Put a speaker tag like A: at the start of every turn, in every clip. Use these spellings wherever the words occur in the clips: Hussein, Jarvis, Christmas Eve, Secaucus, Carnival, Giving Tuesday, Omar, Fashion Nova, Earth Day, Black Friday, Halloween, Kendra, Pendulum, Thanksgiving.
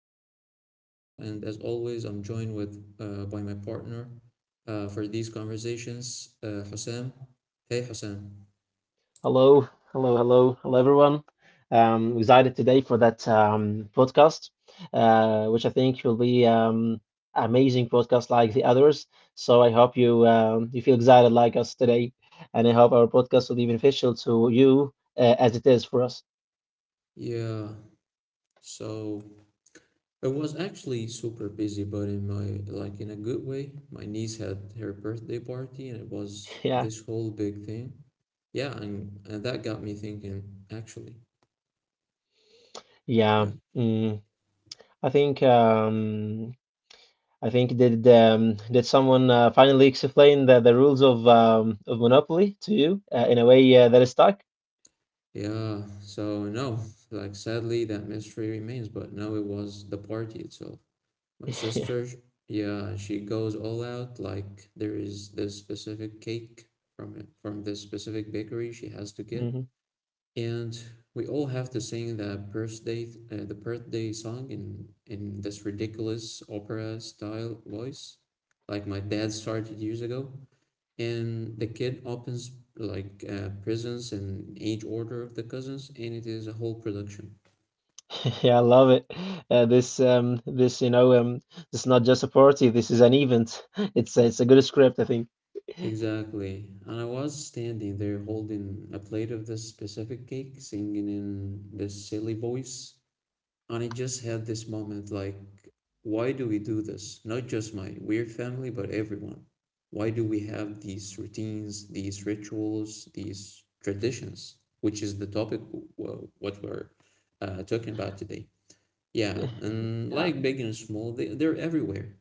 A: your host, Omar, and as always, I'm joined with by my partner for these conversations, Hussein. Hey Hussein.
B: Hello, hello, hello, hello, everyone. Excited today for that podcast, which I think will be amazing podcast like the others. So I hope you you feel excited like us today, and I hope our podcast will be beneficial to you as it is for us.
A: Yeah, so it was actually super busy, but in my like in a good way. My niece had her birthday party, and it was
B: Yeah,
A: this whole big thing. Yeah, and that got me thinking, actually.
B: yeah.
A: Yeah.
B: Mm, I think um, I think did someone finally explain the rules of Monopoly to you in a way that is stuck?
A: Yeah, so no, like sadly that mystery remains, but now it was the party itself. My
B: Yeah.
A: sister, sh- yeah, she goes all out. Like there is this specific cake from this specific bakery she has to get,
B: Mhm.
A: and we all have to sing the birthday song in this ridiculous opera style voice, like my dad started years ago and the kid opens like presents and age order of the cousins, and it is a whole production.
B: Yeah, I love it. This this this is not just a party. This is an event. It's a good script, I think.
A: Exactly. And I was standing there holding a plate of this specific cake, singing in this silly voice. And I just had this moment like, why do we do this? Not just my weird family, but everyone. Why do we have these routines, these rituals, these traditions, which is the topic what we're talking about today? Yeah, and
B: Yeah.
A: like big and small, they're everywhere.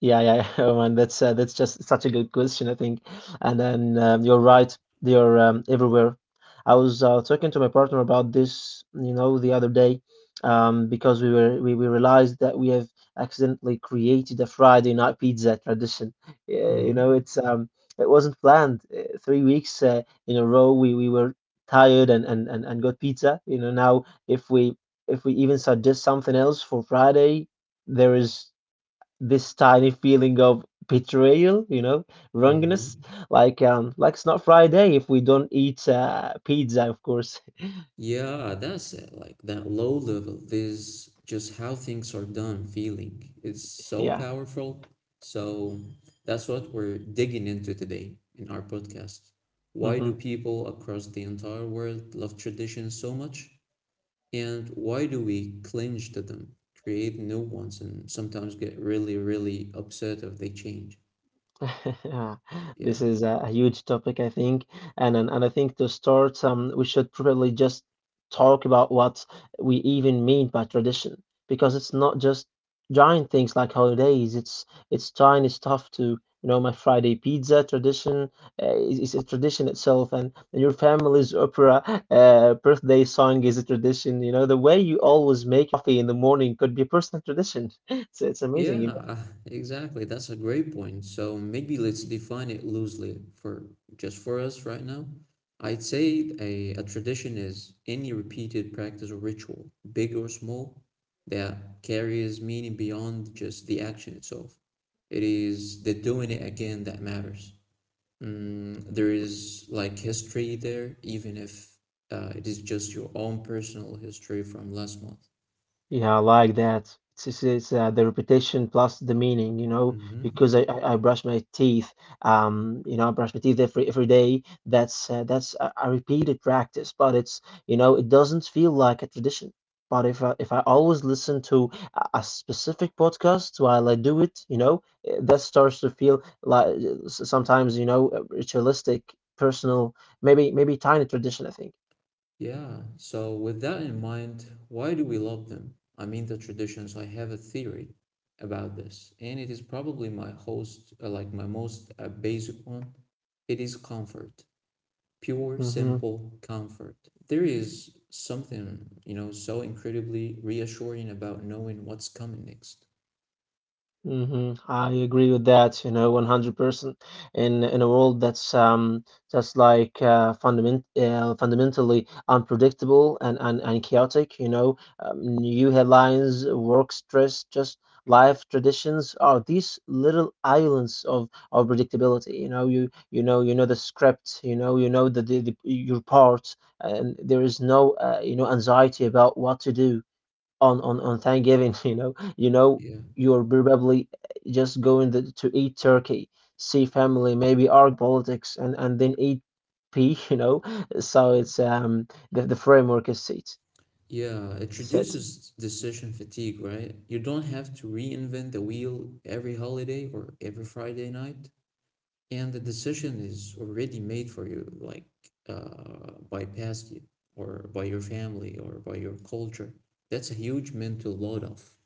B: Yeah, yeah, oh man, that's just such a good question, I think. And then you're right, they're everywhere. I was talking to my partner about this, you know, the other day, because we realized that we have accidentally created a Friday night pizza tradition. Yeah, you
A: Mm-hmm.
B: know, it wasn't planned. 3 weeks in a row, we were tired and got pizza. You know, now if we even suggest something else for Friday, there is this tiny feeling of betrayal, you know, wrongness,
A: Mm-hmm.
B: like it's not Friday if we don't eat pizza, of course.
A: Yeah, that's it. Like that low level, this just how things are done feeling. It's so
B: Yeah.
A: powerful. So that's what we're digging into today in our podcast. Why do
B: hmm
A: people across the entire world love traditions so much? And why do we cling to them, create new ones, and sometimes get really, really upset if they change? Yeah,
B: This is a huge topic, I think, and I think to start, we should probably just talk about what we even mean by tradition, because it's not just giant things like holidays. It's tiny stuff too. You know, my Friday pizza tradition is a tradition itself, and your family's opera birthday song is a tradition. You know, the way you always make your coffee in the morning could be a personal tradition. It's amazing.
A: yeah, exactly. That's a great point. So maybe let's define it loosely for just for us right now. I'd say a tradition is any repeated practice or ritual, big or small, that carries meaning beyond just the action itself. It is the doing it again that matters. Mm, there is like history there, even if it is just your own personal history from last month.
B: Yeah, I like that. It's the repetition plus the meaning, you know,
A: Hmm.
B: because I brush my teeth, you know, I brush my teeth every day. That's a repeated practice, but it's, you know, it doesn't feel like a tradition. But if I always listen to a specific podcast while I do it, you know, that starts to feel like sometimes, you know, ritualistic, personal, maybe tiny tradition, I think.
A: Yeah, so with that in mind, why do we love them? I mean, the traditions, I have a theory about this, and it is probably my host, like my most basic one. It is comfort, pure,
B: hmm
A: simple comfort. There is something, you know, so incredibly reassuring about knowing what's coming next.
B: I agree with that, you know, 100%. In a world that's just like fundamentally unpredictable and, and chaotic, you know, new headlines, work stress, just life traditions are these little islands of predictability. You know, you know the script, you know the your part, and there is no you know anxiety about what to do on Thanksgiving, you know,
A: Yeah.
B: you're probably just going to eat turkey, see family, maybe argue politics, and then eat pea, you know. So it's the framework is
A: Yeah, it
B: set.
A: reduces decision fatigue, right? You don't have to reinvent the wheel every holiday or every Friday night. And the decision is already made for you, like by past you or by your family or by your culture. That's a huge mental load off.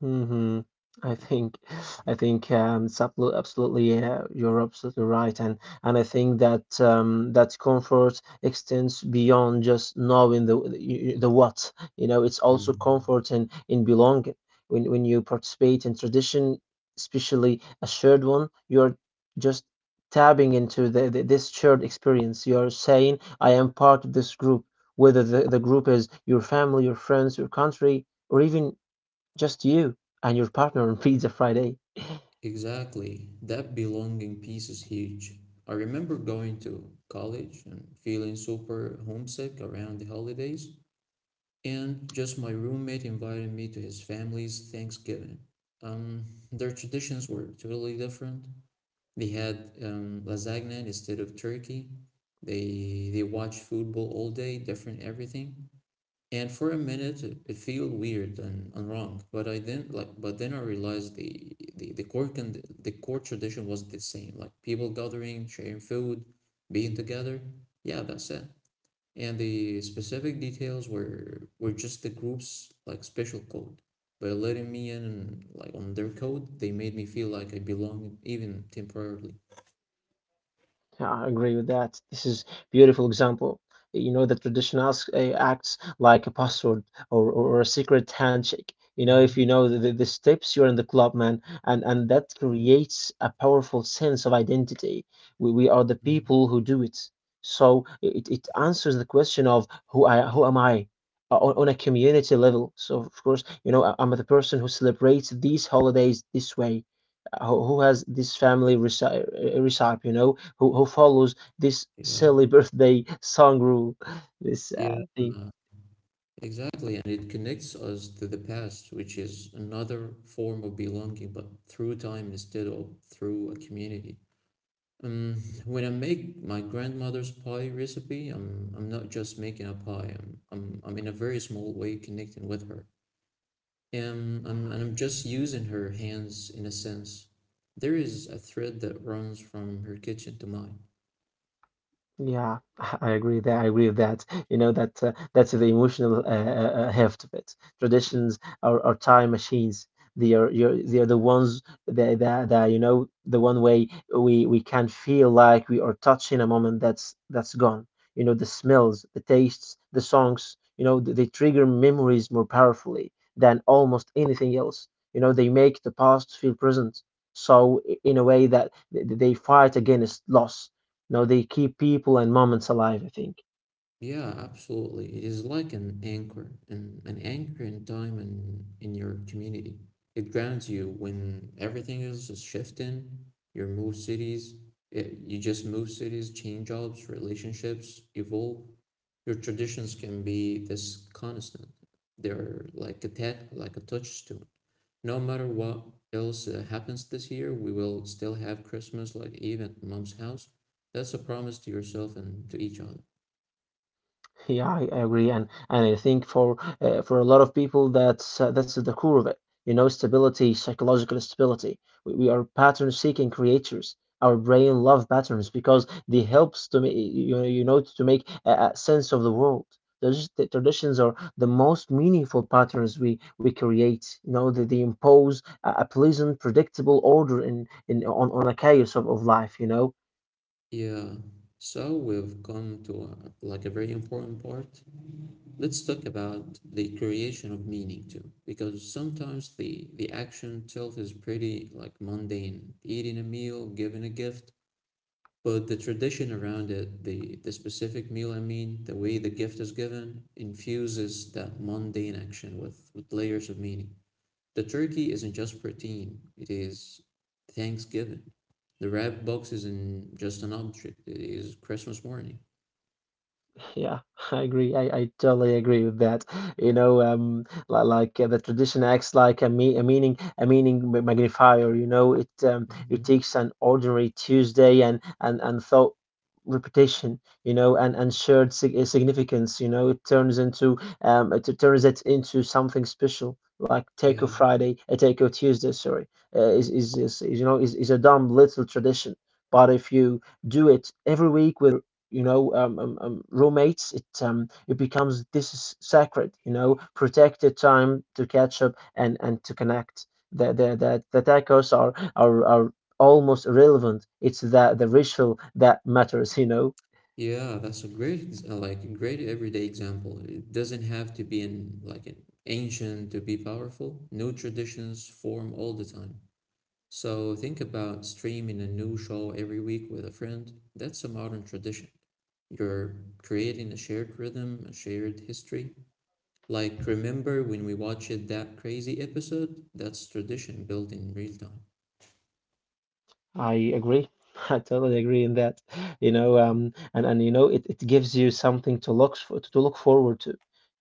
B: hmm I
A: Yeah.
B: think, I think it's absolutely, yeah, you're absolutely right, and I think that comfort extends beyond just knowing the the what. You know, it's also
A: Mm.
B: comfort in belonging. When you participate in tradition, especially a shared one, you're just tapping into the this shared experience. You're saying, I am part of this group, whether the group is your family, your friends, your country, or even just you and your partner on Pizza Friday.
A: Exactly. That belonging piece is huge. I remember going to college and feeling super homesick around the holidays, and just my roommate invited me to his family's Thanksgiving. Um, their traditions were totally different. They had lasagna instead of turkey. They watched football all day, different everything. And for a minute, it felt weird and wrong. But then I realized the core tradition was the same. Like people gathering, sharing food, being together. Yeah, that's it. And the specific details were just the group's like special code. By letting me in like on their code, they made me feel like I belonged even temporarily.
B: Yeah, I agree with that. This is beautiful example. You know, the tradition asks, acts like a password or a secret handshake. You know, if you
A: Mhm,
B: know the steps, you're in the club, man, and that creates a powerful sense of identity. We are the
A: mhm.
B: people who do it. So it
A: Yeah,
B: answers the question of who am I on a community level. So of course, you know, I'm the person who celebrates these holidays this way. Who has this family recipe, recipe, you know, who follows this silly birthday song rule, this
A: yeah,
B: thing.
A: yeah, exactly. And it connects us to the past, which is another form of belonging, but through time instead of through a community. Um, when I make my grandmother's pie recipe, I'm not just making a pie. I'm in a very small way connecting with her, and I'm just using her hands in a sense. There is a thread that runs from her kitchen to mine.
B: Yeah, I agree with that. You know that's the emotional heft of it. Traditions are time machines. They are they are the ones that, that you know the one way we can feel like we are touching a moment that's gone. You know the smells, the tastes, the songs. You know they trigger memories more powerfully than almost anything else. You know they make the past feel present. So in a way that they fight against loss no, they keep people and moments alive, I think.
A: Yeah, absolutely. It is like an anchor, an anchor in time and in your community. It grounds you when everything else is shifting. You move cities, you just move cities, change jobs, relationships evolve. Your traditions can be this constant. They're like a touchstone. No matter what else happens this year, we will still have Christmas like even at mom's house. That's a promise to yourself and to each other.
B: Yeah, I agree, and I think for a lot of people, that's at the core of it. You know, stability, psychological stability. We are pattern-seeking creatures. Our brain love patterns because they helps to make you know to make a sense of the world. The traditions are the most meaningful patterns we create. You know, they impose a pleasant, predictable order in on a chaos of life. You know
A: Yeah, so we've come to like a very important part. Let's talk about the creation of meaning too, because sometimes the action itself is pretty like mundane, eating a meal, giving a gift, but the tradition around it, the specific meal I mean, the way the gift is given, infuses that mundane action with layers of meaning. The turkey isn't just protein, it is Thanksgiving. The wrap box isn't just an object, it is Christmas morning.
B: yeah, I agree. I totally agree with that. You know, like the tradition acts like a meaning magnifier. You know, it
A: Hmm.
B: takes an ordinary Tuesday and thought repetition. You know, and shared significance. You know, it turns it into something special. Like Taco
A: Yeah,
B: Friday, a Taco Tuesday. Sorry, is you know is a dumb little tradition. But if you do it every week you know roommates it becomes this is sacred you know protected time to catch up and to connect the the tacos are almost irrelevant it's the ritual that matters you know
A: yeah, that's a great, like, great everyday example. It doesn't have to be in, like, an ancient to be powerful. New traditions form all the time. So think about streaming a new show every week with a friend. That's a modern tradition. You're creating a shared rhythm, a shared history. Like, remember when we watched that crazy episode? That's tradition built in real time.
B: I agree. I totally agree in that. You know,
A: Mhm.
B: and you know, it gives you something to look for, to look forward to.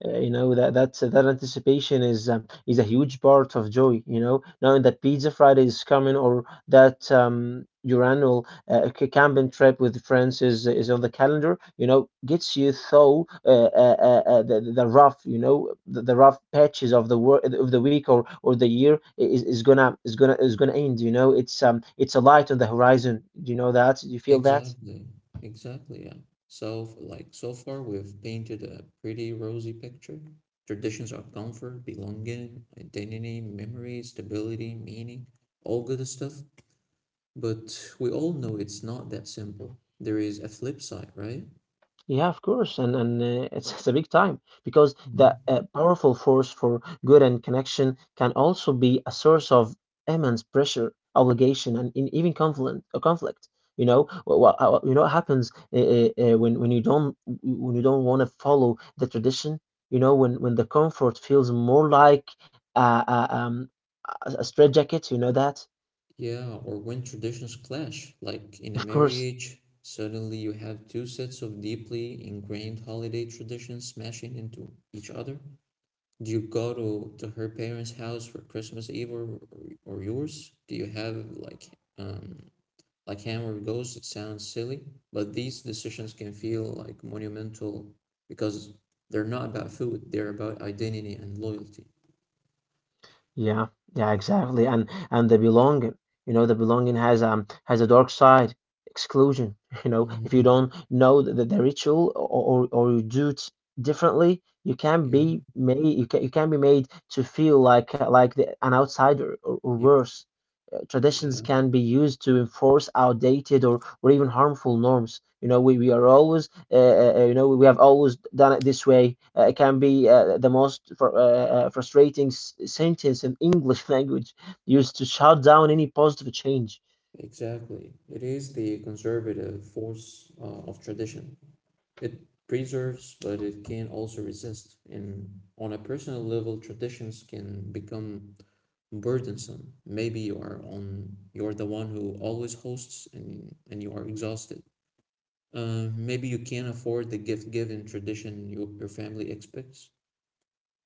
B: You know that's that anticipation is a huge part of joy. You know, knowing that Pizza Friday is coming or that your annual camping trip with friends is on the calendar. You know, gets you through the rough, you know, the rough patches of the work of the week, or the year is, is gonna end. You know, it's a light on the horizon. Do you know that? Do you feel that?
A: Exactly. Exactly, yeah. So, like, so far we've painted a pretty rosy picture. Traditions are comfort, belonging, identity, memory, stability, meaning, all good stuff. But we all know it's not that simple. There is a flip side, right?
B: Yeah, of course, and it's a big time because the powerful force for good and connection can also be a source of immense pressure, obligation, and in, even conflict. A conflict, you know, you know what happens when you don't want to follow the tradition. You know, when the comfort feels more like a, a, um, a straitjacket. You know that,
A: Yeah, or when traditions clash, like in a
B: of course.
A: marriage, suddenly you have two sets of deeply ingrained holiday traditions smashing into each other. Do you go to her parents' house for Christmas Eve, or yours? Do you have um like hammer goes? It sounds silly, but these decisions can feel like monumental because they're not about food, they're about identity and loyalty.
B: Yeah, yeah, exactly. And the belonging, you know, the belonging has a dark side, exclusion. You know, if you
A: Hmm.
B: don't know the ritual or you do it differently, you can be
A: Yeah,
B: made you can be made to feel like an outsider, or
A: yeah,
B: worse traditions
A: yeah.
B: can be used to enforce outdated, or even harmful norms. You know, we are always, you know, we have always done it this way. It can be the most frustrating sentence in English language used to shut down any positive change.
A: Exactly. It is the conservative force of tradition. It preserves, but it can also resist. And on a personal level, traditions can become burdensome. Maybe you are on you're the one who always hosts and you are exhausted. Maybe you can't afford the gift given tradition your family expects.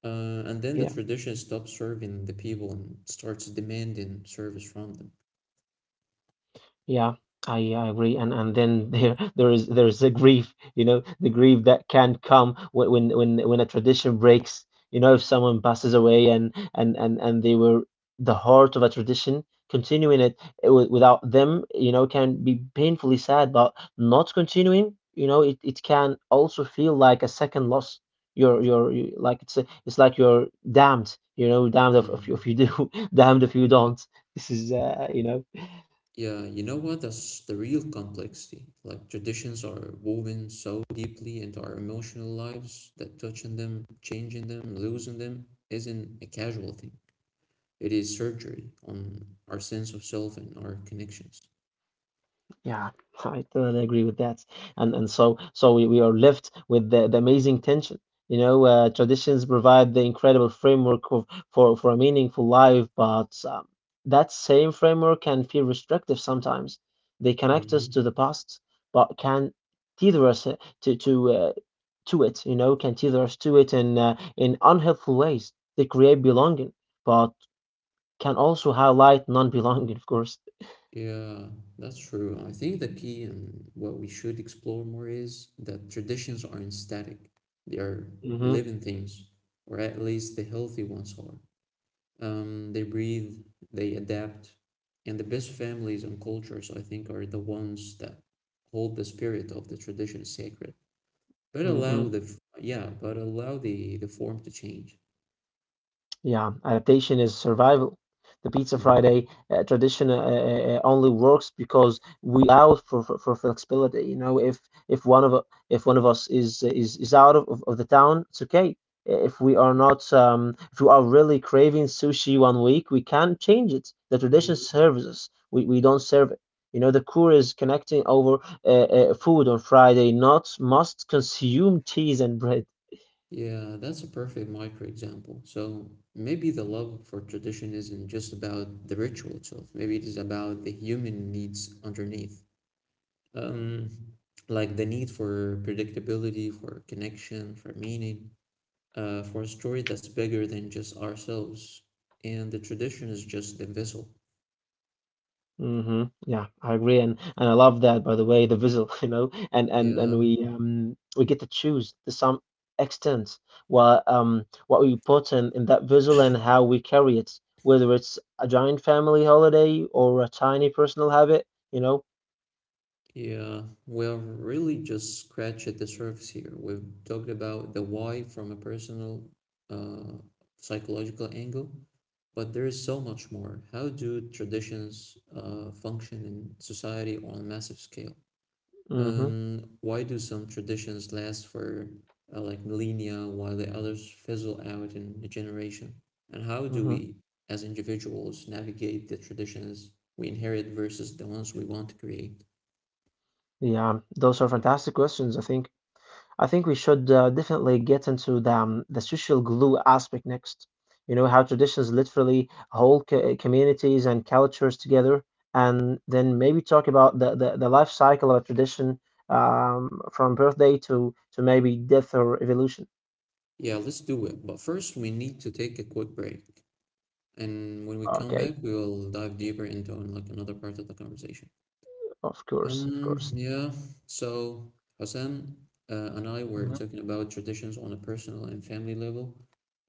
A: And then the
B: Yeah.
A: tradition stops serving the people and starts demanding service from them.
B: Yeah, I agree, and then there is a grief, you know, the grief that can come when when a tradition breaks, you know, if someone passes away and and they were the heart of a tradition, continuing it w without them, you know, can be painfully sad, but not continuing, you know, it can also feel like a second loss. You, like it's it's like you're damned, you know, damned if you, if you
A: Mm.
B: do, damned if you
A: Yeah.
B: don't. This is, you know,
A: Yeah, you know what? That's the real complexity. Like traditions are woven so deeply into our emotional lives that touching them, changing them, losing them isn't a casual thing. It is surgery on our sense of self and our connections.
B: Yeah, I totally agree with that. And so we are left with the amazing tension. You know, traditions provide the incredible framework of, for a meaningful life, but that same framework can feel restrictive sometimes. They connect us to the
A: Hmm.
B: past, but can tether us to to uh, to it. You know, can tether us to it in unhelpful ways. They create belonging, but can also highlight non-belonging, of course.
A: Yeah, that's true. I think the key and what we should explore more is that traditions aren't static. They are
B: Mm-hmm.
A: living things, or at least the healthy ones are. Um, they breathe, they adapt, and the best families and cultures, I think, are the ones that hold the spirit of the tradition sacred, but
B: Mm-hmm.
A: allow the f- yeah, but allow the form to change.
B: Yeah, adaptation is survival. The Pizza
A: Mhm.
B: Friday tradition only works because we allow for flexibility. You know, if one of if one of us is out of the town, it's okay. If we are not, if we are really craving sushi one week, we can change it. The
A: Yeah,
B: tradition serves us. We don't serve it. You know, the core is connecting over food on Friday, not must consume cheese and bread.
A: yeah, that's a perfect micro example. So maybe the love for tradition isn't just about the ritual itself. Maybe it is about the human needs underneath. Um, like the need for predictability, for connection, for meaning, for a story that's bigger than just ourselves. And the tradition is just the vessel.
B: Hmm Yeah, I agree, and I love that. By the way, the visual, you know, and
A: Yeah,
B: we get to choose to some extent what we put in that visual and how we carry it, whether it's a giant family holiday or a tiny personal habit, you know.
A: yeah. We're really just scratched at the surface here. We've talked about the why from a personal, uh, psychological angle, but there is so much more. How do traditions function in society on a massive scale?
B: Hmm
A: Why do some traditions last for like millennia while the others fizzle out in a generation? And how do
B: hmm
A: we, as individuals, navigate the traditions we inherit versus the ones we want to create?
B: Yeah, those are fantastic questions, I think. I think we should definitely get into the social glue aspect next. You know how traditions literally hold communities and cultures together, and then maybe talk about the life cycle of a tradition from birthday to maybe death or evolution.
A: Yeah, let's do it. But first, we need to take a quick break. And when we come back,
B: Okay,
A: we will dive deeper into like another part of the conversation.
B: of course, of course.
A: Yeah, so Hassan and I were
B: Hmm
A: talking about traditions on a personal and family level,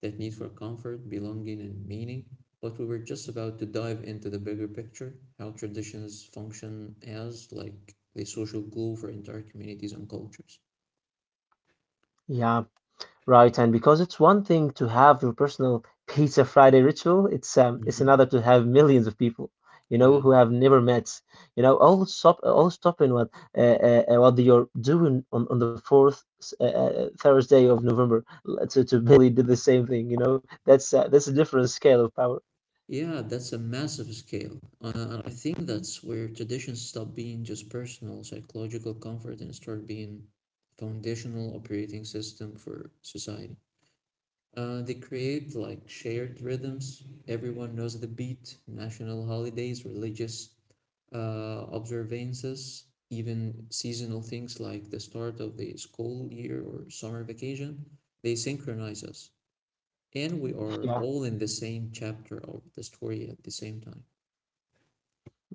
A: that need for comfort, belonging, and meaning. But we were just about to dive into the bigger picture, how traditions function as like the social glue for entire communities and cultures.
B: Yeah. Right, and because it's one thing to have your personal Pizza Friday ritual, it's
A: Mm-hmm.
B: another to have millions of people, you know,
A: Yeah.
B: who have never met, you know, all stopping what you're doing on the fourth Thursday of November to basically do the same thing, you know. That's a different scale of power.
A: Yeah, that's a massive scale. And I think that's where traditions stop being just personal psychological comfort and start being foundational operating system for society. They create like shared rhythms. Everyone knows the beat, national holidays, religious observances, even seasonal things like the start of the school year or summer vacation. They synchronize us. And we are all in the same chapter of the story at the same time.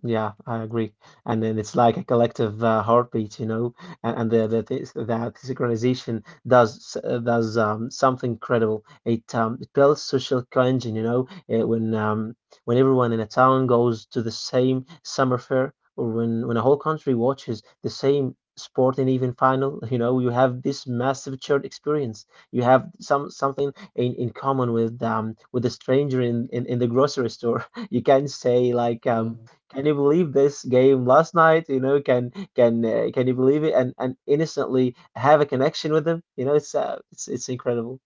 B: Yeah, I agree. And then it's like a collective heartbeat, you know, and, that synchronization does something incredible. It builds social cohesion, you know, uh, when um, when everyone in a town goes to the same summer fair, or when a whole country watches the same sporting even final, you know, you have this massive shared experience. You have something in common with a stranger in the grocery store. You can say like
A: Uh,
B: Can you believe this game last night? You know, can you believe it? And innocently have a connection with them. You know, it's incredible.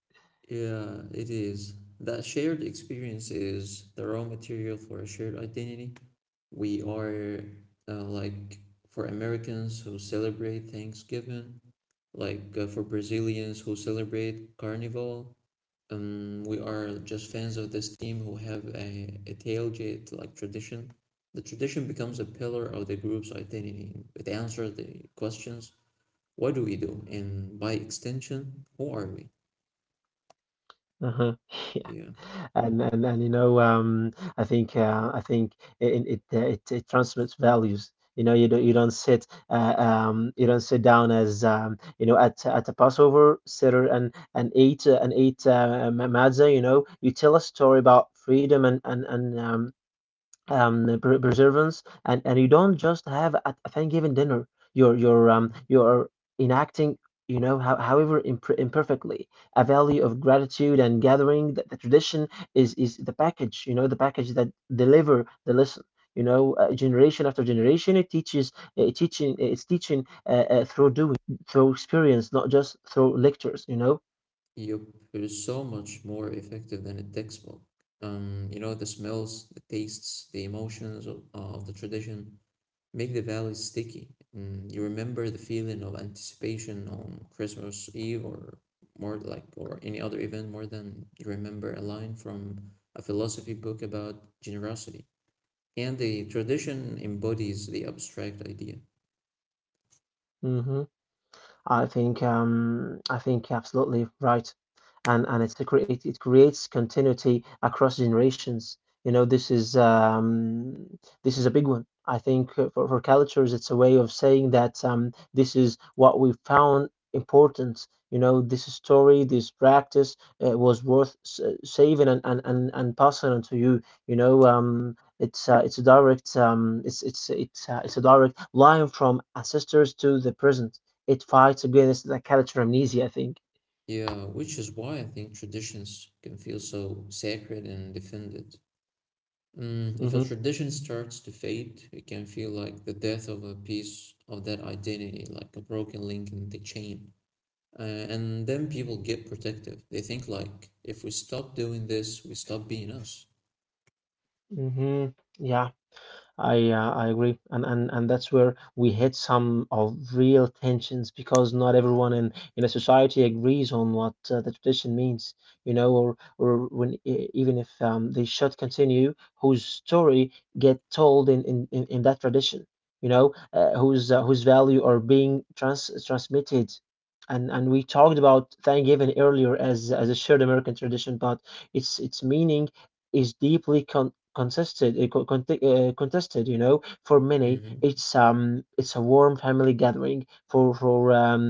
A: yeah, it is. That shared experience is the raw material for a shared identity. We are like for Americans who celebrate Thanksgiving, like for Brazilians who celebrate Carnival. We are just fans of this team who have a tailgate like tradition. The tradition becomes a pillar of the group's identity. It answers the questions, what do we do? And by extension, who are we?
B: Uh-huh. Yeah.
A: Yeah.
B: And I think it it transmits values. You know, you don't sit down as you know at a Passover sitter and and eat matzah. You know, you tell a story about freedom and perseverance, and you don't just have a Thanksgiving dinner. You're enacting, you know, how, imperfectly, a value of gratitude and gathering. The the tradition is the package. You know, the package that deliver the lesson, you know. Generation after generation, it teaches. It's teaching through doing, through experience, not just through lectures, you know.
A: Yup, it is so much more effective than a textbook. The smells, the tastes, the emotions of the tradition make the values sticky. Mm, you remember the feeling of anticipation on Christmas Eve or more like or any other event more than you remember a line from a philosophy book about generosity. And the tradition embodies the abstract idea.
B: Hmm I think absolutely right, and it's it creates continuity across generations. You know, this is a big one. I think for cultures, it's a way of saying that this is what we found important. You know, this story, this practice was worth saving and, and passing on to you. You know, it's a direct it's a direct line from ancestors to the present. It fights against the character amnesia, I think.
A: Yeah, which is why I think traditions can feel so sacred and defended. Mm, if a
B: Hmm
A: tradition starts to fade, it can feel like the death of a piece of that identity, like a broken link in the chain. And then people get protective. They think like, if we stop doing this, we stop being us.
B: hmm Yeah. I agree, and, and that's where we hit some of real tensions because not everyone in a society agrees on what the tradition means, you know, or when even if they should continue, whose story get told in in that tradition, you know, whose value are being transmitted. And we talked about Thanksgiving earlier as a shared American tradition, but its meaning is deeply contested. You know, for many
A: Hmm
B: it's a warm family gathering. For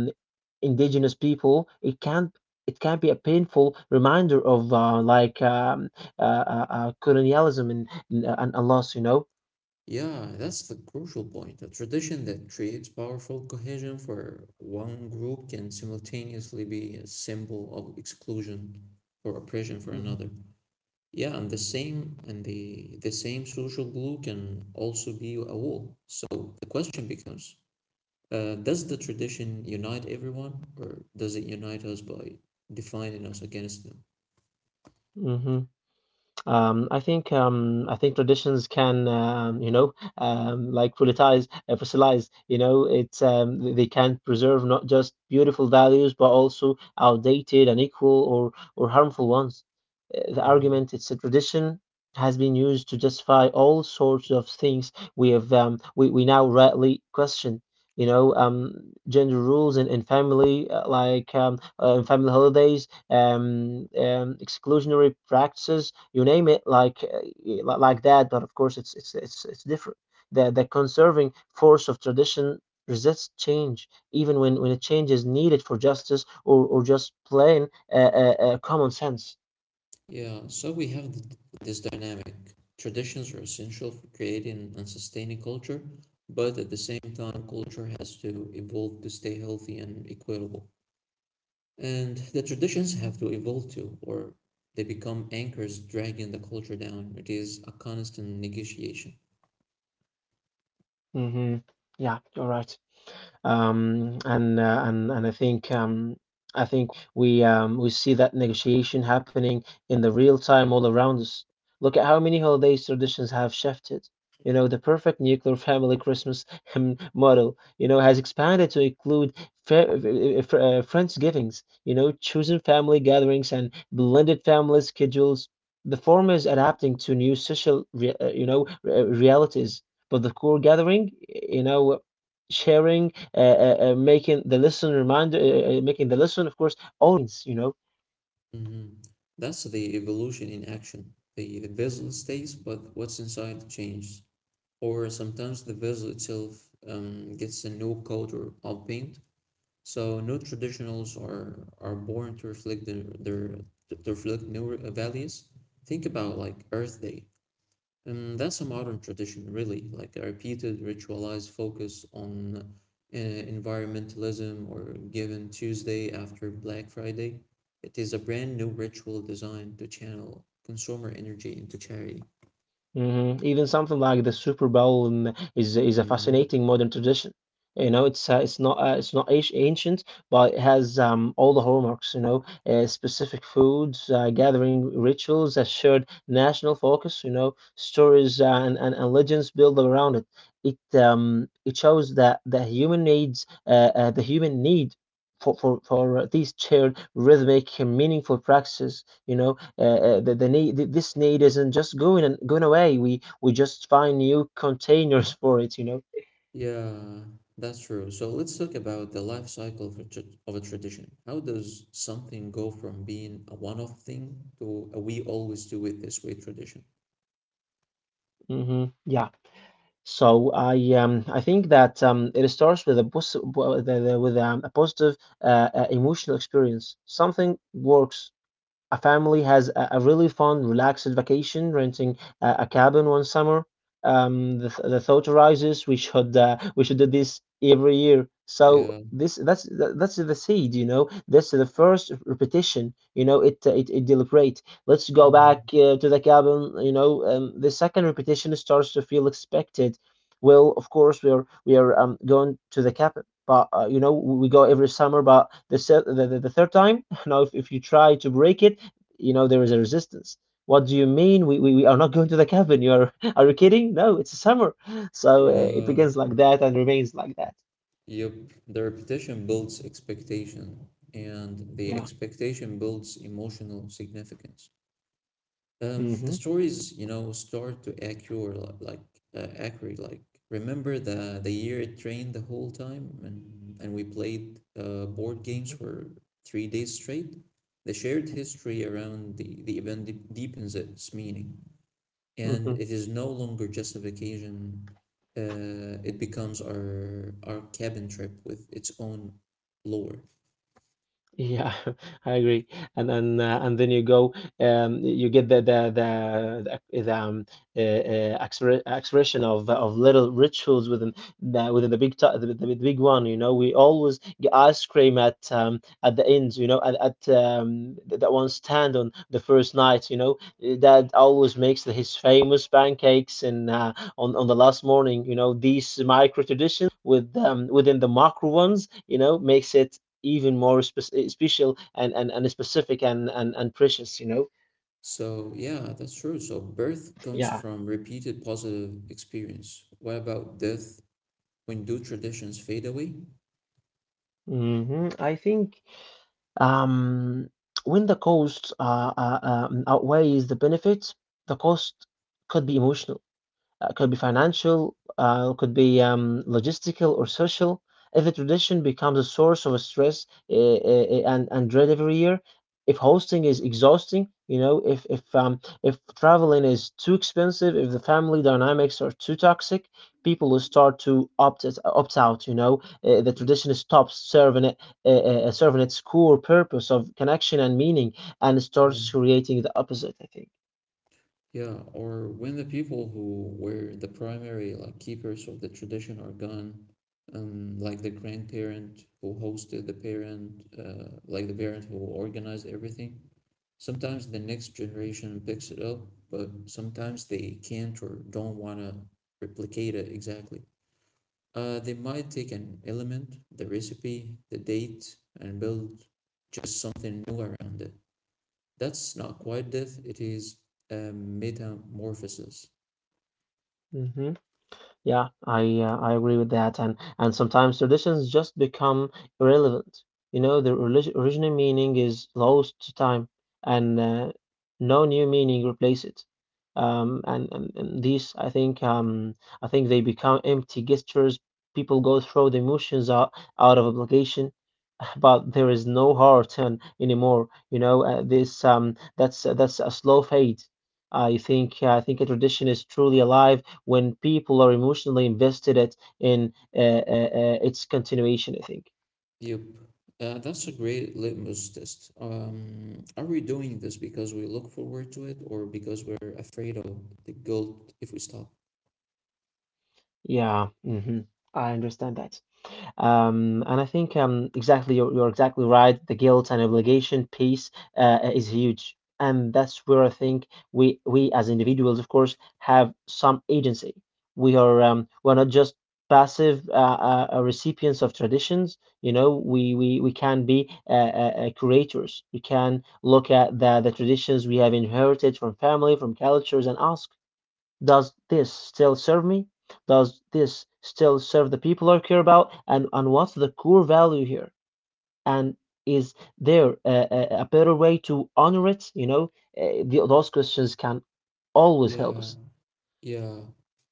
B: indigenous people, it can be a painful reminder of, colonialism and, and a loss, you know.
A: Yeah, that's the crucial point. A tradition that creates powerful cohesion for one group can simultaneously be a symbol of exclusion or oppression for another. Yeah, and the same and the same social glue can also be a wall. So the question becomes, does the tradition unite everyone, or does it unite us by defining us against them?
B: Hmm I think traditions can, you know, fossilize. You know, they can preserve not just beautiful values but also outdated, unequal, or harmful ones. The argument,
A: Hmm
B: it's a tradition, has been used to justify all sorts of things we have, we now rightly question. You know um, Gender rules and family, family holidays, exclusionary practices, you name it, like that. But of course, it's different. The conserving force of tradition resists change, even when a change is needed for justice or just plain common sense.
A: Yeah, so we have th this dynamic. Traditions are essential for creating and sustaining culture, but at the same time, culture has to evolve to stay healthy and equitable. And the traditions have to evolve too, or they become anchors dragging the culture down. It is a constant negotiation.
B: Hmm Yeah, you're right. And I think we, we see that negotiation happening in the real time all around us. Look at how many holidays traditions have shifted. You know, the perfect nuclear family Christmas model, you know, has expanded to include Friendsgivings, you know, chosen family gatherings and blended family schedules. The former is adapting to new social, realities, but the core gathering, you know, sharing, making the listen reminder, making the listen, of course, always, you know.
A: Hmm That's the evolution in action. The vessel stays, but what's inside changes. Or sometimes the vessel itself gets a new coat or all paint. So new traditionals are born to reflect their to reflect new values. Think about like Earth Day. And that's a modern tradition, really, like a repeated ritualized focus on environmentalism or Given Tuesday after Black Friday. It is a brand new ritual designed to channel consumer energy into charity.
B: Hmm Even something like the Super Bowl is a
A: Hmm
B: fascinating modern tradition. You know, it's not ancient, but it has all the hallmarks. You know, specific foods, gathering rituals, a shared national focus. You know, stories and legends built around it. It shows that the human needs, the human need for these shared rhythmic and meaningful practices. You know, the need, th- this need isn't just going away. We just find new containers for it, you know.
A: Yeah, that's true. So let's talk about the life cycle of a tradition. How does something go from being a one-off thing to a we always do it this way tradition?
B: Hmm Yeah. So I think that it starts with a pos- w- the, with a positive emotional experience. Something works: a family has a really fun, relaxed vacation, renting a cabin one summer. The thought arises, we should, we should do this every year. So
A: Yeah.
B: this that's the seed, you know. That's the first repetition, you know. It deliberate. Let's go back
A: hmm
B: to the cabin, you know. The second repetition starts to feel expected. Well, of course we are going to the cabin, but you know we go every summer. But the se- the third time, now if you try to break it, you know, there is a resistance. What do you mean? We are not going to the cabin. You are, are you kidding? No, it's summer. So it
A: Yeah,
B: begins like that and remains like that.
A: Yep, the repetition builds expectation, and the
B: Yeah.
A: expectation builds emotional significance. The
B: hmm
A: stories you know, start to accrue li- like accurate. Like remember the year it rained the whole time, and we played board games for 3 days straight. The shared history around the event deepens its meaning and it is no longer just a vacation. It becomes our cabin trip with its own lore.
B: Yeah, I agree. And then you go, you get the, ac- the exre- expression of little rituals within the the big one. You know, we always get ice cream at the ends. You know, at that one stand on the first night. You know, that always makes the, his famous pancakes and on the last morning. You know, these micro traditions with within the macro ones. You know, makes it even more special and specific and precious, you know?
A: So yeah, that's true. So birth comes
B: Yeah.
A: from repeated positive experience. What about death? When do traditions fade away?
B: hmm I think um, when the cost outweighs the benefit, the cost could be emotional. Could be financial, could be logistical or social. If the tradition becomes a source of stress and dread every year, if hosting is exhausting, you know, if if traveling is too expensive, if the family dynamics are too toxic, people will start to opt it, opt out. The
A: Yeah,
B: tradition stops serving it, serving its core purpose of connection and meaning, and
A: yeah,
B: starts creating the opposite, I think.
A: yeah. Or when the people who were the primary like keepers of the tradition are gone, like the grandparent who hosted the parent, like the parent who organized everything. Sometimes the next generation picks it up, but sometimes they can't or don't want to replicate it exactly. They might take an element, the recipe, the date, and build just something new around it. That's not quite death, it is a metamorphosis.
B: Hmm. Yeah, I agree with that, and sometimes traditions just become irrelevant. You know, the original meaning is lost to time, and no new meaning replace it. And these, I think they become empty gestures. People go through the emotions out of obligation, but there is no hard turn anymore. You know, this that's a slow fade. I think a tradition is truly alive when people are emotionally invested it in its continuation, I think.
A: Yep. That's a great litmus test. Are we doing this because we look forward to it or because we're afraid of the guilt if we stop?
B: Yeah. Hmm. I understand that. And I think exactly, you're, exactly right. The guilt and obligation piece is huge, and that's where I think we as individuals, of course, have some agency. We are we're not just passive recipients of traditions. You know, we can be curators. We can look at the traditions we have inherited from family, from cultures, and ask, does this still serve me? Does this still serve the people I care about? And what's the core value here? And is there a better way to honor it? You know, those questions can always help
A: Yeah,
B: us.
A: Yeah,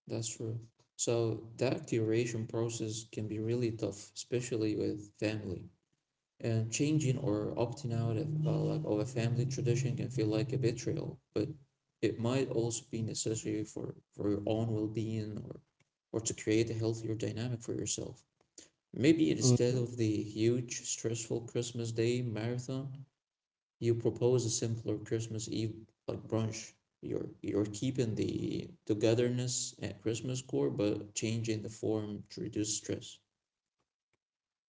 A: that's true. So that curation process can be really tough, especially with family. And changing or opting out of like of a family tradition can feel like a betrayal, but it might also be necessary for your own well-being or to create a healthier dynamic for yourself. Maybe instead
B: Mm-hmm.
A: of the huge stressful Christmas Day marathon, you propose a simpler Christmas Eve like brunch. You're keeping the togetherness at Christmas core, but changing the form to reduce stress.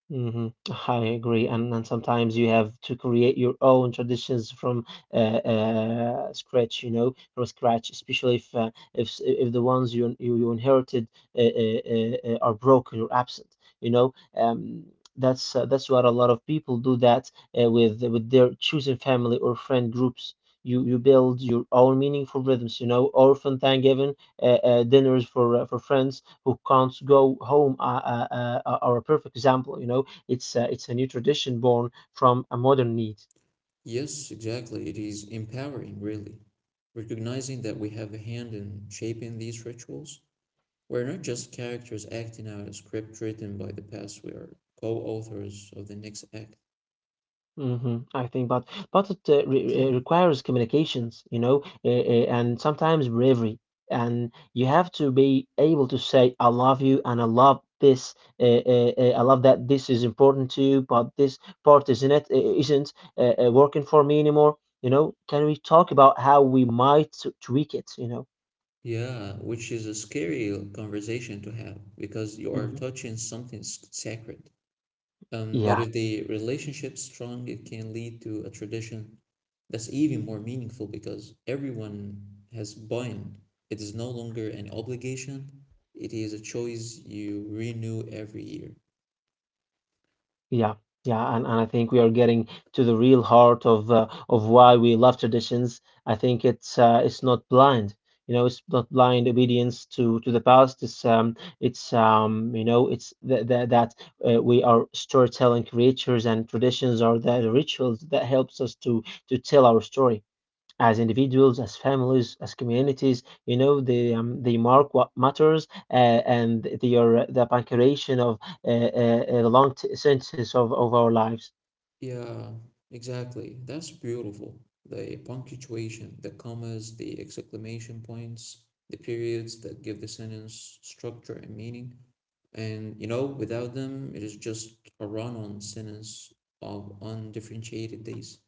B: Hmm. I agree, and sometimes you have to create your own traditions from scratch, you know, from scratch, especially if if the ones you inherited are broken or absent, you know. That's what a lot of people do that with their chosen family or friend groups. You build your own meaningful rhythms, you know, orphan Thanksgiving dinners for friends who can't go home are a perfect example. You know, it's a new tradition born from a modern need.
A: Yes, exactly. It is empowering, really. Recognizing that we have a hand in shaping these rituals. We're not just characters acting out a script written by the past, we are co authors of the next act.
B: Hmm. I think, but it requires communications, you know, and sometimes bravery, and you have to be able to say, "I love you," and "I love this," uh, "I love that this is important to you," but this part isn't is isn't working for me anymore. You know, can we talk about how we might tweak it? You know.
A: Yeah, which is a scary conversation to have because you are
B: Hmm.
A: touching something sacred. But
B: Yeah.
A: if the relationship's strong, it can lead to a tradition that's even more meaningful because everyone has buy-in. It is no longer an obligation, it is a choice you renew every year.
B: Yeah, yeah, and, I think we are getting to the real heart of why we love traditions. I think it's not blind, you know, it's not blind obedience to the past. It's you know, it's th th that we are storytelling creatures, and traditions are the rituals that helps us to tell our story as individuals, as families, as communities. You know, they mark what matters, and they are the punctuation of the long sentences of our lives.
A: Yeah, exactly. That's beautiful. The punctuation, the commas, the exclamation points, the periods that give the sentence structure and meaning. And you know, without them, it is just a run on sentence of undifferentiated days.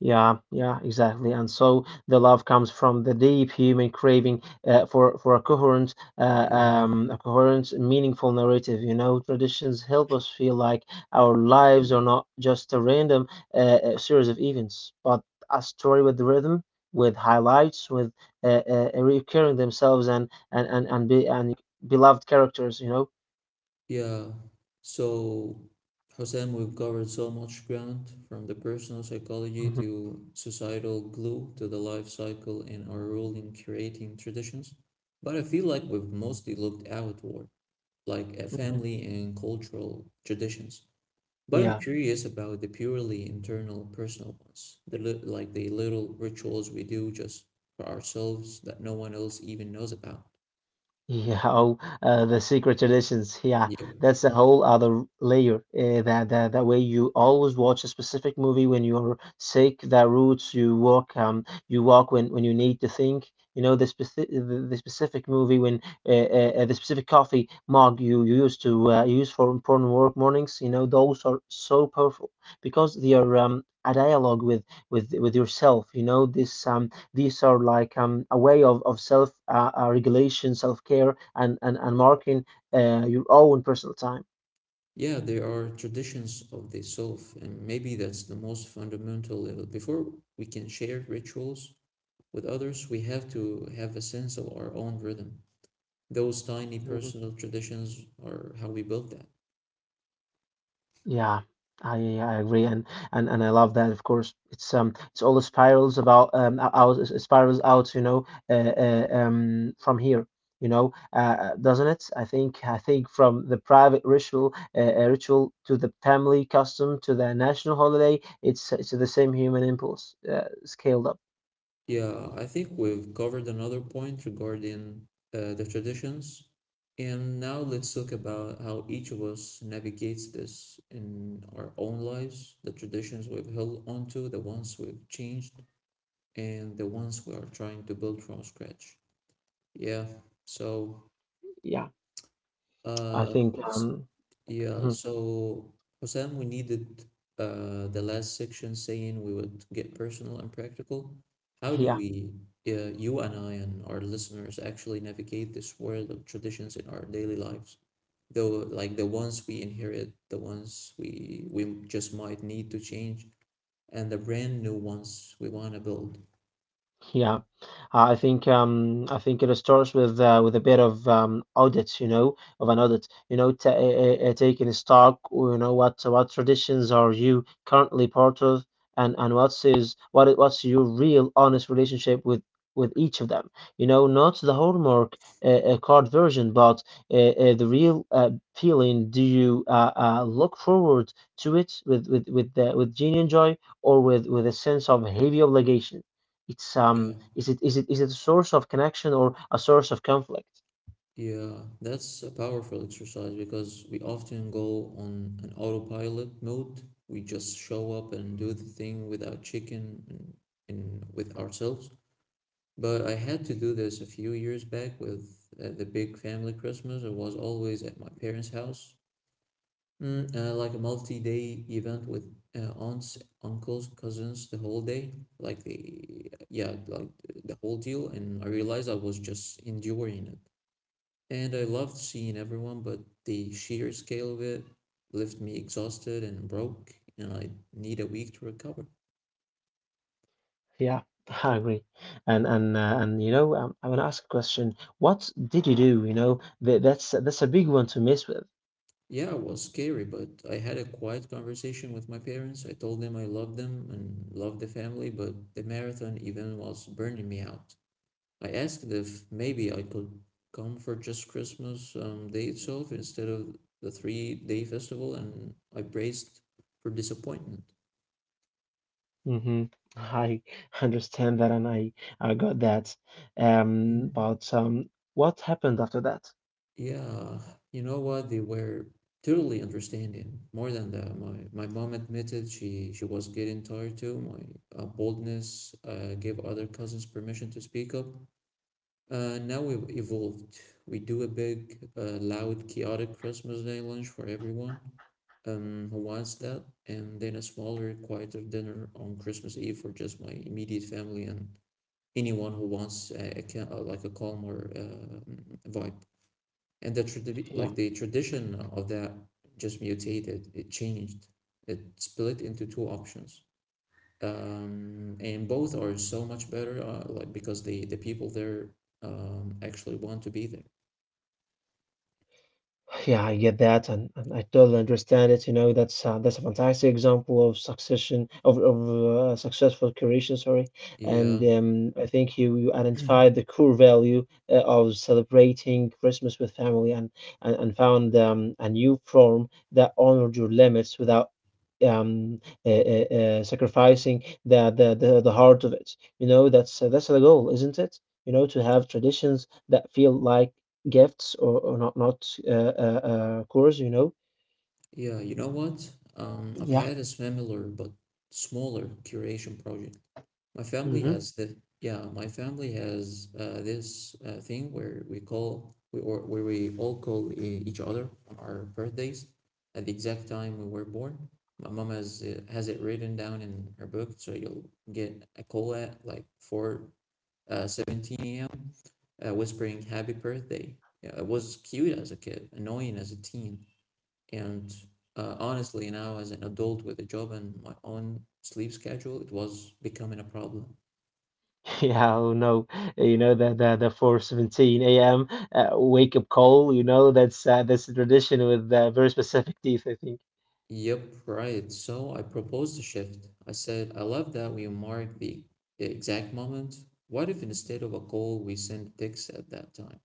B: Yeah, yeah, exactly. And so the love comes from the deep human craving for
A: Yeah.
B: a coherent, meaningful narrative. You know, traditions help us feel like our lives are not just a random uh, series of events, but a story with rhythm, with highlights, with recurring themselves and beloved characters, you know.
A: Yeah. So, Hossein, we've covered so much ground from the personal psychology
B: hmm
A: to societal glue to the life cycle and our role in creating traditions. But I feel like we've mostly looked outward, like at
B: hmm.
A: family and cultural traditions. But I'm
B: Yeah.
A: curious about the purely internal personal ones, the like the little rituals we do just for ourselves that no one else even knows about.
B: Yeah, oh, the secret traditions. Yeah,
A: Yep.
B: that's a whole other layer. That way you always watch a specific movie when you're sick. The routes you walk when you need to think. You know the specific the specific movie when the specific coffee mug you used to use for important work mornings. You know those are so powerful because they are a dialogue with yourself. You know this these are like a way of self regulation, self care, and, marking your own personal time.
A: Yeah, there are traditions of the self, and maybe that's the most fundamental level. Before we can share rituals with others, we have to have a sense of our own rhythm. Those tiny
B: Hmm.
A: personal traditions are how we build that.
B: Yeah, I agree, and, I love that. Of course, it's all the spirals about o- out it spirals out, you know, from here, you know, doesn't it? I think from the private ritual ritual to the family custom to the national holiday, it's the same human impulse scaled up.
A: Yeah, I think we've covered another point regarding the traditions. And now let's talk about how each of us navigates this in our own lives, the traditions we've held onto, the ones we've changed, and the ones we are trying to build from scratch. Yeah. So,
B: Yeah, I
A: uh,
B: think
A: s-
B: um.
A: yeah.
B: Mhm.
A: So, Hosam, we needed the last section saying we would get personal and practical. How do
B: Yeah.
A: we, you and I and our listeners actually navigate this world of traditions in our daily lives? Though, like the ones we inherit, the ones we just might need to change, and the brand new ones we want to build.
B: Yeah, I think it starts with a bit of audit, you know, of an audit, you know, ta taking stock, you know, what traditions are you currently part of, and what's is what I- what's your real honest relationship with each of them, you know, not the Hallmark card version, but the real feeling. Do you look forward to it with with genuine joy or with a sense of heavy obligation? It's
A: Yeah.
B: is it a source of connection or a source of conflict?
A: Yeah, that's a powerful exercise because we often go on an autopilot mode. We just show up and do the thing without checking in with ourselves. But I had to do this a few years back with the big family Christmas. It was always at my parents' house, mm, like a multi-day event with aunts, uncles, cousins the whole day. Like the yeah, like the whole deal. And I realized I was just enduring it and I loved seeing everyone, but the sheer scale of it left me exhausted and broke, and I need a week to recover.
B: Yeah, I agree. And and you know, I want to ask a question. What did you do? You know, that's a big one to mess with.
A: Yeah, it was scary, but I had a quiet conversation with my parents. I told them I loved them and loved the family, but the marathon even was burning me out. I asked if maybe I could come for just Christmas Day itself instead of the 3 day festival, and I braced for disappointment.
B: Hmm. I understand that, and I got that.
A: Yeah.
B: But what happened after that?
A: Yeah, you know what? They were totally understanding. More than that, my mom admitted she was getting tired too. My boldness gave other cousins permission to speak up. Now we've evolved. We do a big, loud, chaotic Christmas Day lunch for everyone who wants that, and then a smaller, quieter dinner on Christmas Eve for just my immediate family and anyone who wants like a calmer vibe and the
B: Yeah.
A: like the tradition of that just mutated it changed it split into two options, and both are so much better like because the people there actually want to be there.
B: Yeah, I get that, and, I totally understand it. You know, that's a fantastic example of succession of successful curation. Sorry,
A: Yeah,
B: and I think you identified the core value of celebrating Christmas with family, and, found a new form that honored your limits without um sacrificing the the heart of it. You know, that's the goal, isn't it? You know, to have traditions that feel like gifts, or not cores, you know.
A: yeah, you know what, I've
B: Yeah.
A: had a similar but smaller curation project. My family
B: Hmm.
A: has the yeah, my family has this thing where we call we or where we all call each other on our birthdays at the exact time we were born. My mom has it written down in her book, so you'll get a call at like four 17 a.m. Whispering happy birthday. Yeah, it was cute as a kid, annoying as a teen, and honestly, now as an adult with a job and my own sleep schedule, it was becoming a problem.
B: Yeah, oh no, you know the 4:17 a.m. Wake up call, you know that's a tradition with very specific teeth, I think.
A: Yep, right. So I proposed a shift. I said, I love that we mark the exact moment. What if instead of a call, we send text at that time?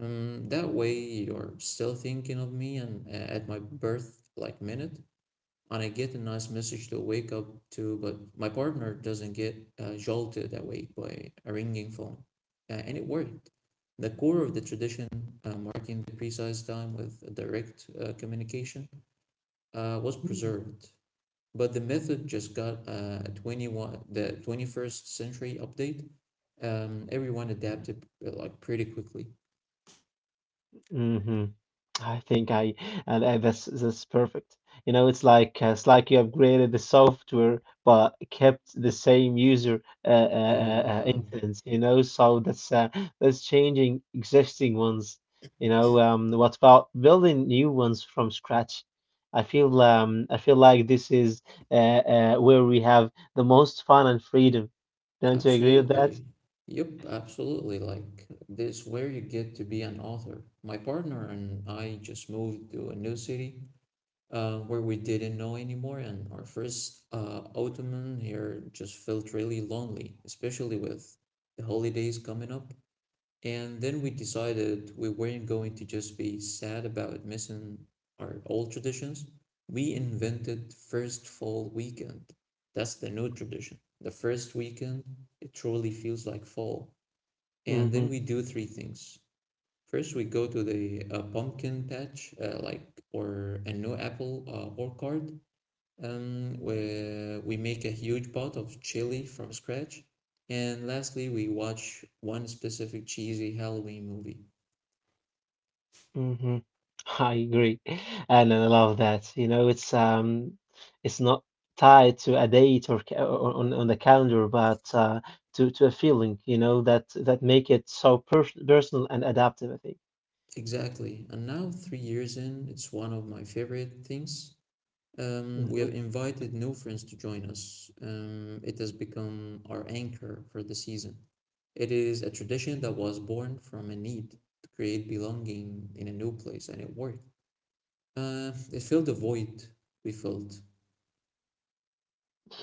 A: That way you're still thinking of me and at my birth like minute, and I get a nice message to wake up to, but my partner doesn't get jolted awake by a ringing phone. And it worked. The core of the tradition, marking the precise time with direct communication, was preserved, but the method just got a 21 the 21st century update. Everyone adapted like pretty quickly.
B: Hmm I think I And, that's perfect. You know, it's like you upgraded the software but kept the same user
A: Yeah,
B: instance. You know, so that's changing existing ones. You know, what about building new ones from scratch? I feel like this is where we have the most fun and freedom. Don't you agree with
A: absolutely.
B: that?
A: Yep, absolutely. Like, this where you get to be an author. My partner and I just moved to a new city where we didn't know anymore, and our first ottoman here just felt really lonely, especially with the holidays coming up. And then we decided we weren't going to just be sad about missing our old traditions. We invented first fall weekend. That's the new tradition. The first weekend, it truly feels like fall. And then
B: Mm-hmm.
A: we do three things. First, we go to the pumpkin patch, or a new apple orchard. Where we make a huge pot of chili from scratch. And lastly, we watch one specific cheesy Halloween movie.
B: Hmm. I agree, and I love that. You know, it's not tied to a date, or, or on the calendar, but to a feeling. You know that that make it so personal and adaptive, I think.
A: Exactly. And now, 3 years in, it's one of my favorite things. We
B: Mm-hmm.
A: have invited new friends to join us. It has become our anchor for the season. It is a tradition that was born from a need to create belonging in a new place, and it worked. It filled a void we filled.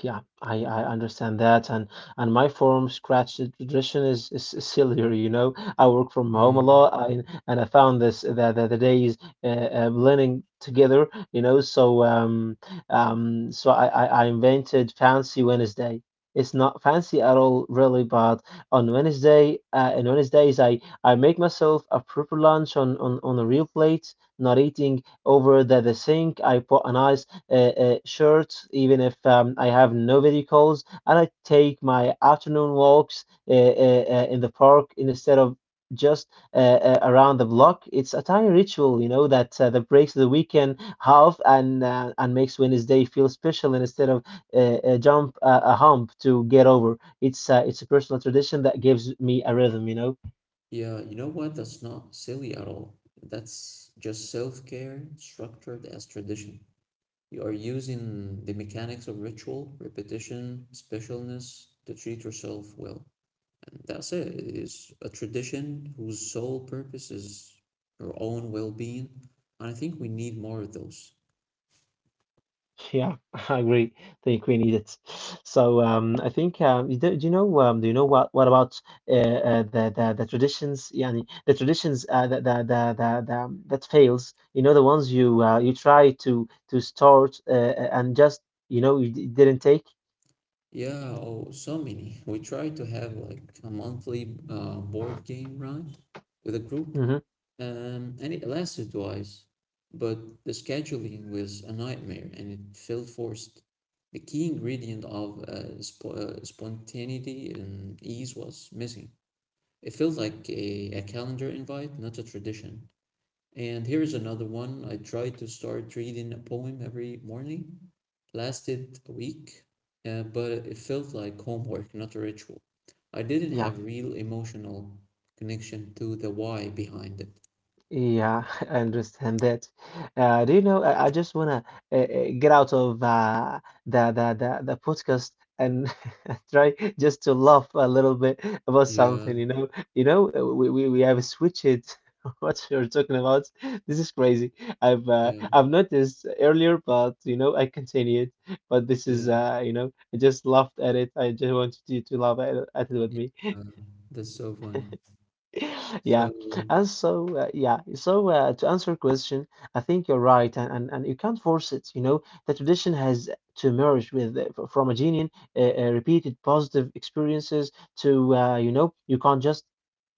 B: Yeah, I understand that, and my form scratch tradition is, is sillier, you know. I work from home a lot,
A: Hmm.
B: and I found this that the days blending together, you know. So I invented Fancy Wednesday. It's not fancy at all, really, but on Wednesdays, I make myself a proper lunch on a real plate, not eating over the sink. I put a nice shirts, even if I have no vehicles, and I take my afternoon walks in the park instead of just around the block. It's a tiny ritual, you know, that that breaks the weekend half, and makes Wednesday feel special instead of jump a hump to get over. It's a personal tradition that gives me a rhythm, you know.
A: Yeah, you know what? That's not silly at all. That's just self-care structured as tradition. You are using the mechanics of ritual, repetition, specialness to treat yourself well. And that's it. It is a tradition whose sole purpose is your own well being. And I think we need more of those.
B: Yeah, I agree. Think we need it. So I think you do, do you know what about the traditions? Yeah, the traditions the that fails. You know the ones you you try to start and just you know you didn't take.
A: Yeah, oh, so many. We try to have like a monthly board game, right? With a group.
B: Hmm.
A: And it lasted twice, but the scheduling was a nightmare and it felt forced. The key ingredient of spontaneity and ease was missing. It felt like a calendar invite, not a tradition. And here is another one. I tried to start reading a poem every morning, lasted a week, but it felt like homework, not a ritual. I didn't
B: Yeah.
A: have real emotional connection to the why behind it.
B: Yeah, I understand that. Do you know? I just wanna get out of the podcast and try just to laugh a little bit about
A: Yeah.
B: something. You know, we have switched what you're talking about. This is crazy.
A: Yeah,
B: I've noticed earlier, but you know, I continued. But this is
A: yeah,
B: you know, I just laughed at it. I just wanted you to laugh at it with me.
A: uh, that's so funny.
B: Yeah,
A: So,
B: and so yeah, so to answer your question, I think you're right, and you can't force it. You know, the tradition has to emerge with from a genuine, repeated positive experiences to you know, you can't just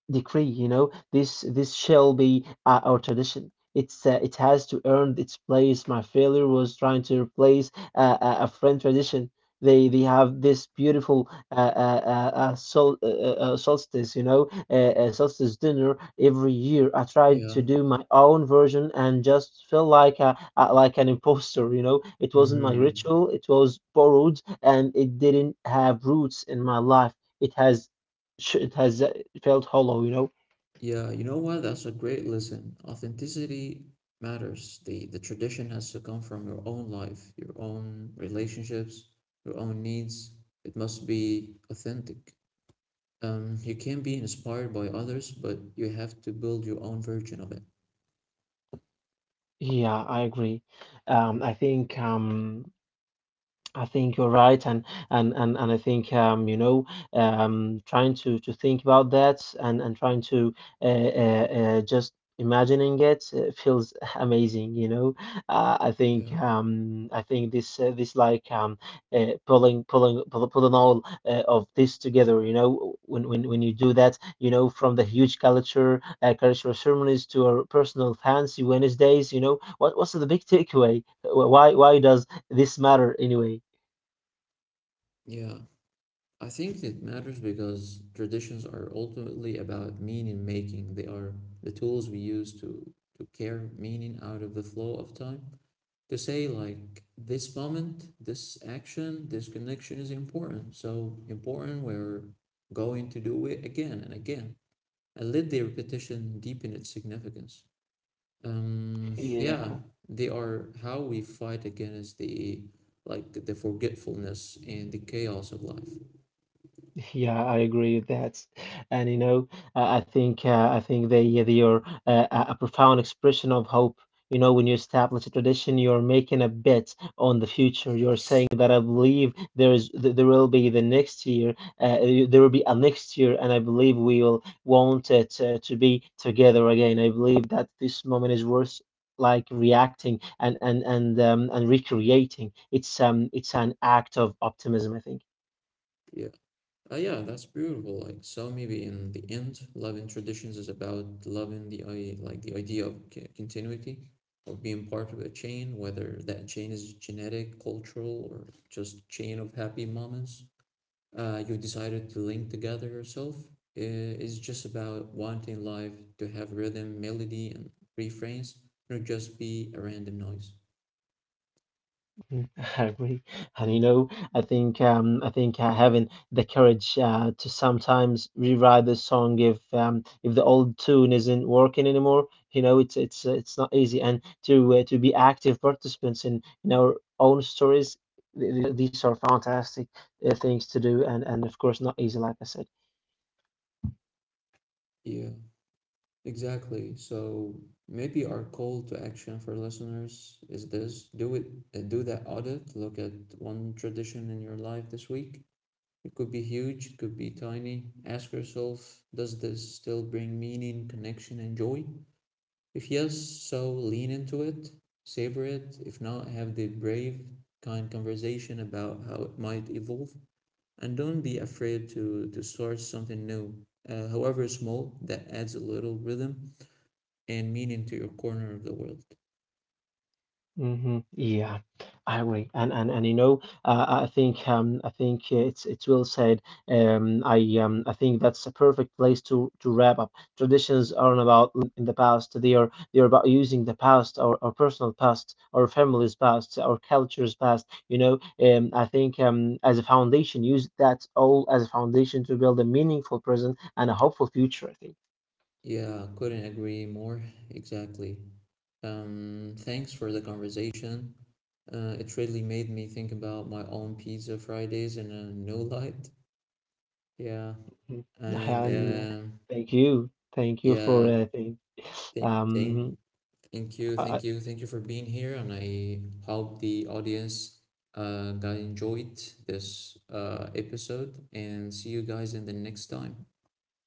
B: decree, you know, this shall be our tradition. It's it has to earn its place. My failure was trying to replace a friend tradition. They have this beautiful solstice, you know, solstice dinner every year. I tried to
A: yeah,
B: do my own version and just felt like a like an imposter. You know, it wasn't my ritual,
A: mm-hmm.
B: it was borrowed, and it didn't have roots in my life. It has it has, it felt hollow, you know?
A: Yeah, you know what? That's a great lesson. Authenticity matters. The tradition has to come from your own life, your own relationships, your own needs. It must be authentic. You can be inspired by others, but you have to build your own version of it.
B: Yeah, I agree. Um, I think um, I think you're right, and I think, you know, trying to think about that, and trying to uh, uh, just imagining it feels amazing. You know,
A: Yeah,
B: I think this this like pulling all of this together. You know, when you do that, you know, from the huge culture cultural ceremonies to our personal fancy Wednesdays. You know, what's the big takeaway? Why does this matter anyway?
A: yeah. I think it matters because traditions are ultimately about meaning making. They are the tools we use to carry meaning out of the flow of time. To say, like, this moment, this action, this connection is important. So important we're going to do it again and again. And let the repetition deepen its significance.
B: Yeah,
A: Yeah, they are how we fight against the like the forgetfulness and the chaos of life.
B: yeah, I agree with that, and you know, I think I think they are a profound expression of hope. You know, when you establish a tradition, you're making a bet on the future. You're saying that I believe there will be the next year, there will be a next year, and I believe we will want it to be together again. I believe that this moment is worth like reacting and recreating. It's it's an act of optimism, I think.
A: Yeah. Yeah, that's beautiful. Like, so maybe in the end, loving traditions is about loving like the idea of continuity, of being part of a chain, whether that chain is genetic, cultural, or just chain of happy moments. You decided to link together yourself. I- It's just about wanting life to have rhythm, melody, and refrains, not just be a random noise.
B: Mm, I agree, and you know, I think having the courage to sometimes rewrite the song if the old tune isn't working anymore, you know, it's it's not easy. And to be active participants in our own stories. Th th these are fantastic things to do, and of course not easy, like I said.
A: Yeah. Exactly. So maybe our call to action for listeners is this: do it, do that audit. Look at one tradition in your life this week. It could be huge, it could be tiny. Ask yourself, does this still bring meaning, connection, and joy? If yes, so lean into it, savor it. If not, have the brave, kind conversation about how it might evolve, and don't be afraid to start something new, however small, that adds a little rhythm and mean into your corner of the world.
B: Hmm Yeah, I agree, and you know, I think it's well said. I think that's a perfect place to wrap up. Traditions aren't about living in the past; they are about using the past, our personal past, our family's past, our culture's past. You know, I think, as a foundation, use that all as a foundation to build a meaningful present and a hopeful future, I think.
A: Yeah, couldn't agree more. Exactly. Thanks for the conversation. It really made me think about my own pizza Fridays in a new light. Yeah,
B: Mhm.
A: and
B: And thank you, thank you
A: yeah, thank, thank,
B: um. Uh,
A: thank you for being here, and I hope the audience got enjoyed this episode, and see you guys in the next time.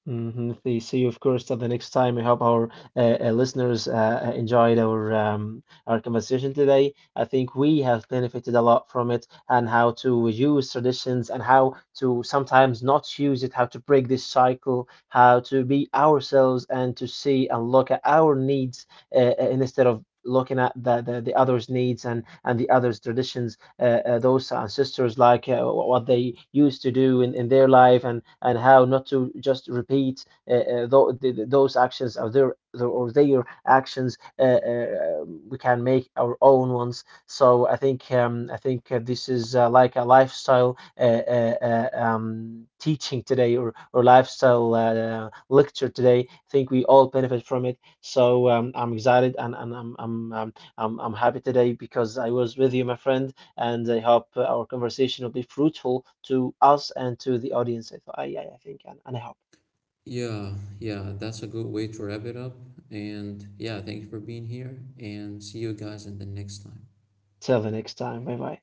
B: mm. See, you, of course. Till the next time, we hope our listeners enjoyed our conversation today. I think we have benefited a lot from it, and how to use traditions, and how to sometimes not use it, how to break this cycle, how to be ourselves, and to see and look at our needs, instead of looking at the others' needs and the others' traditions. Those ancestors, like what they used to do in their life, and how not to just repeat those actions, or their actions. We can make our own ones. So I think this is like a lifestyle teaching today, or lifestyle lecture today. I think we all benefit from it. So I'm excited, and I'm happy today because I was with you, my friend, and I hope our conversation will be fruitful to us and to the audience, I think, and I hope.
A: Yeah, yeah, that's a good way to wrap it up. And yeah, thank you for being here and see you guys in the next time.
B: Till the next time. Bye bye.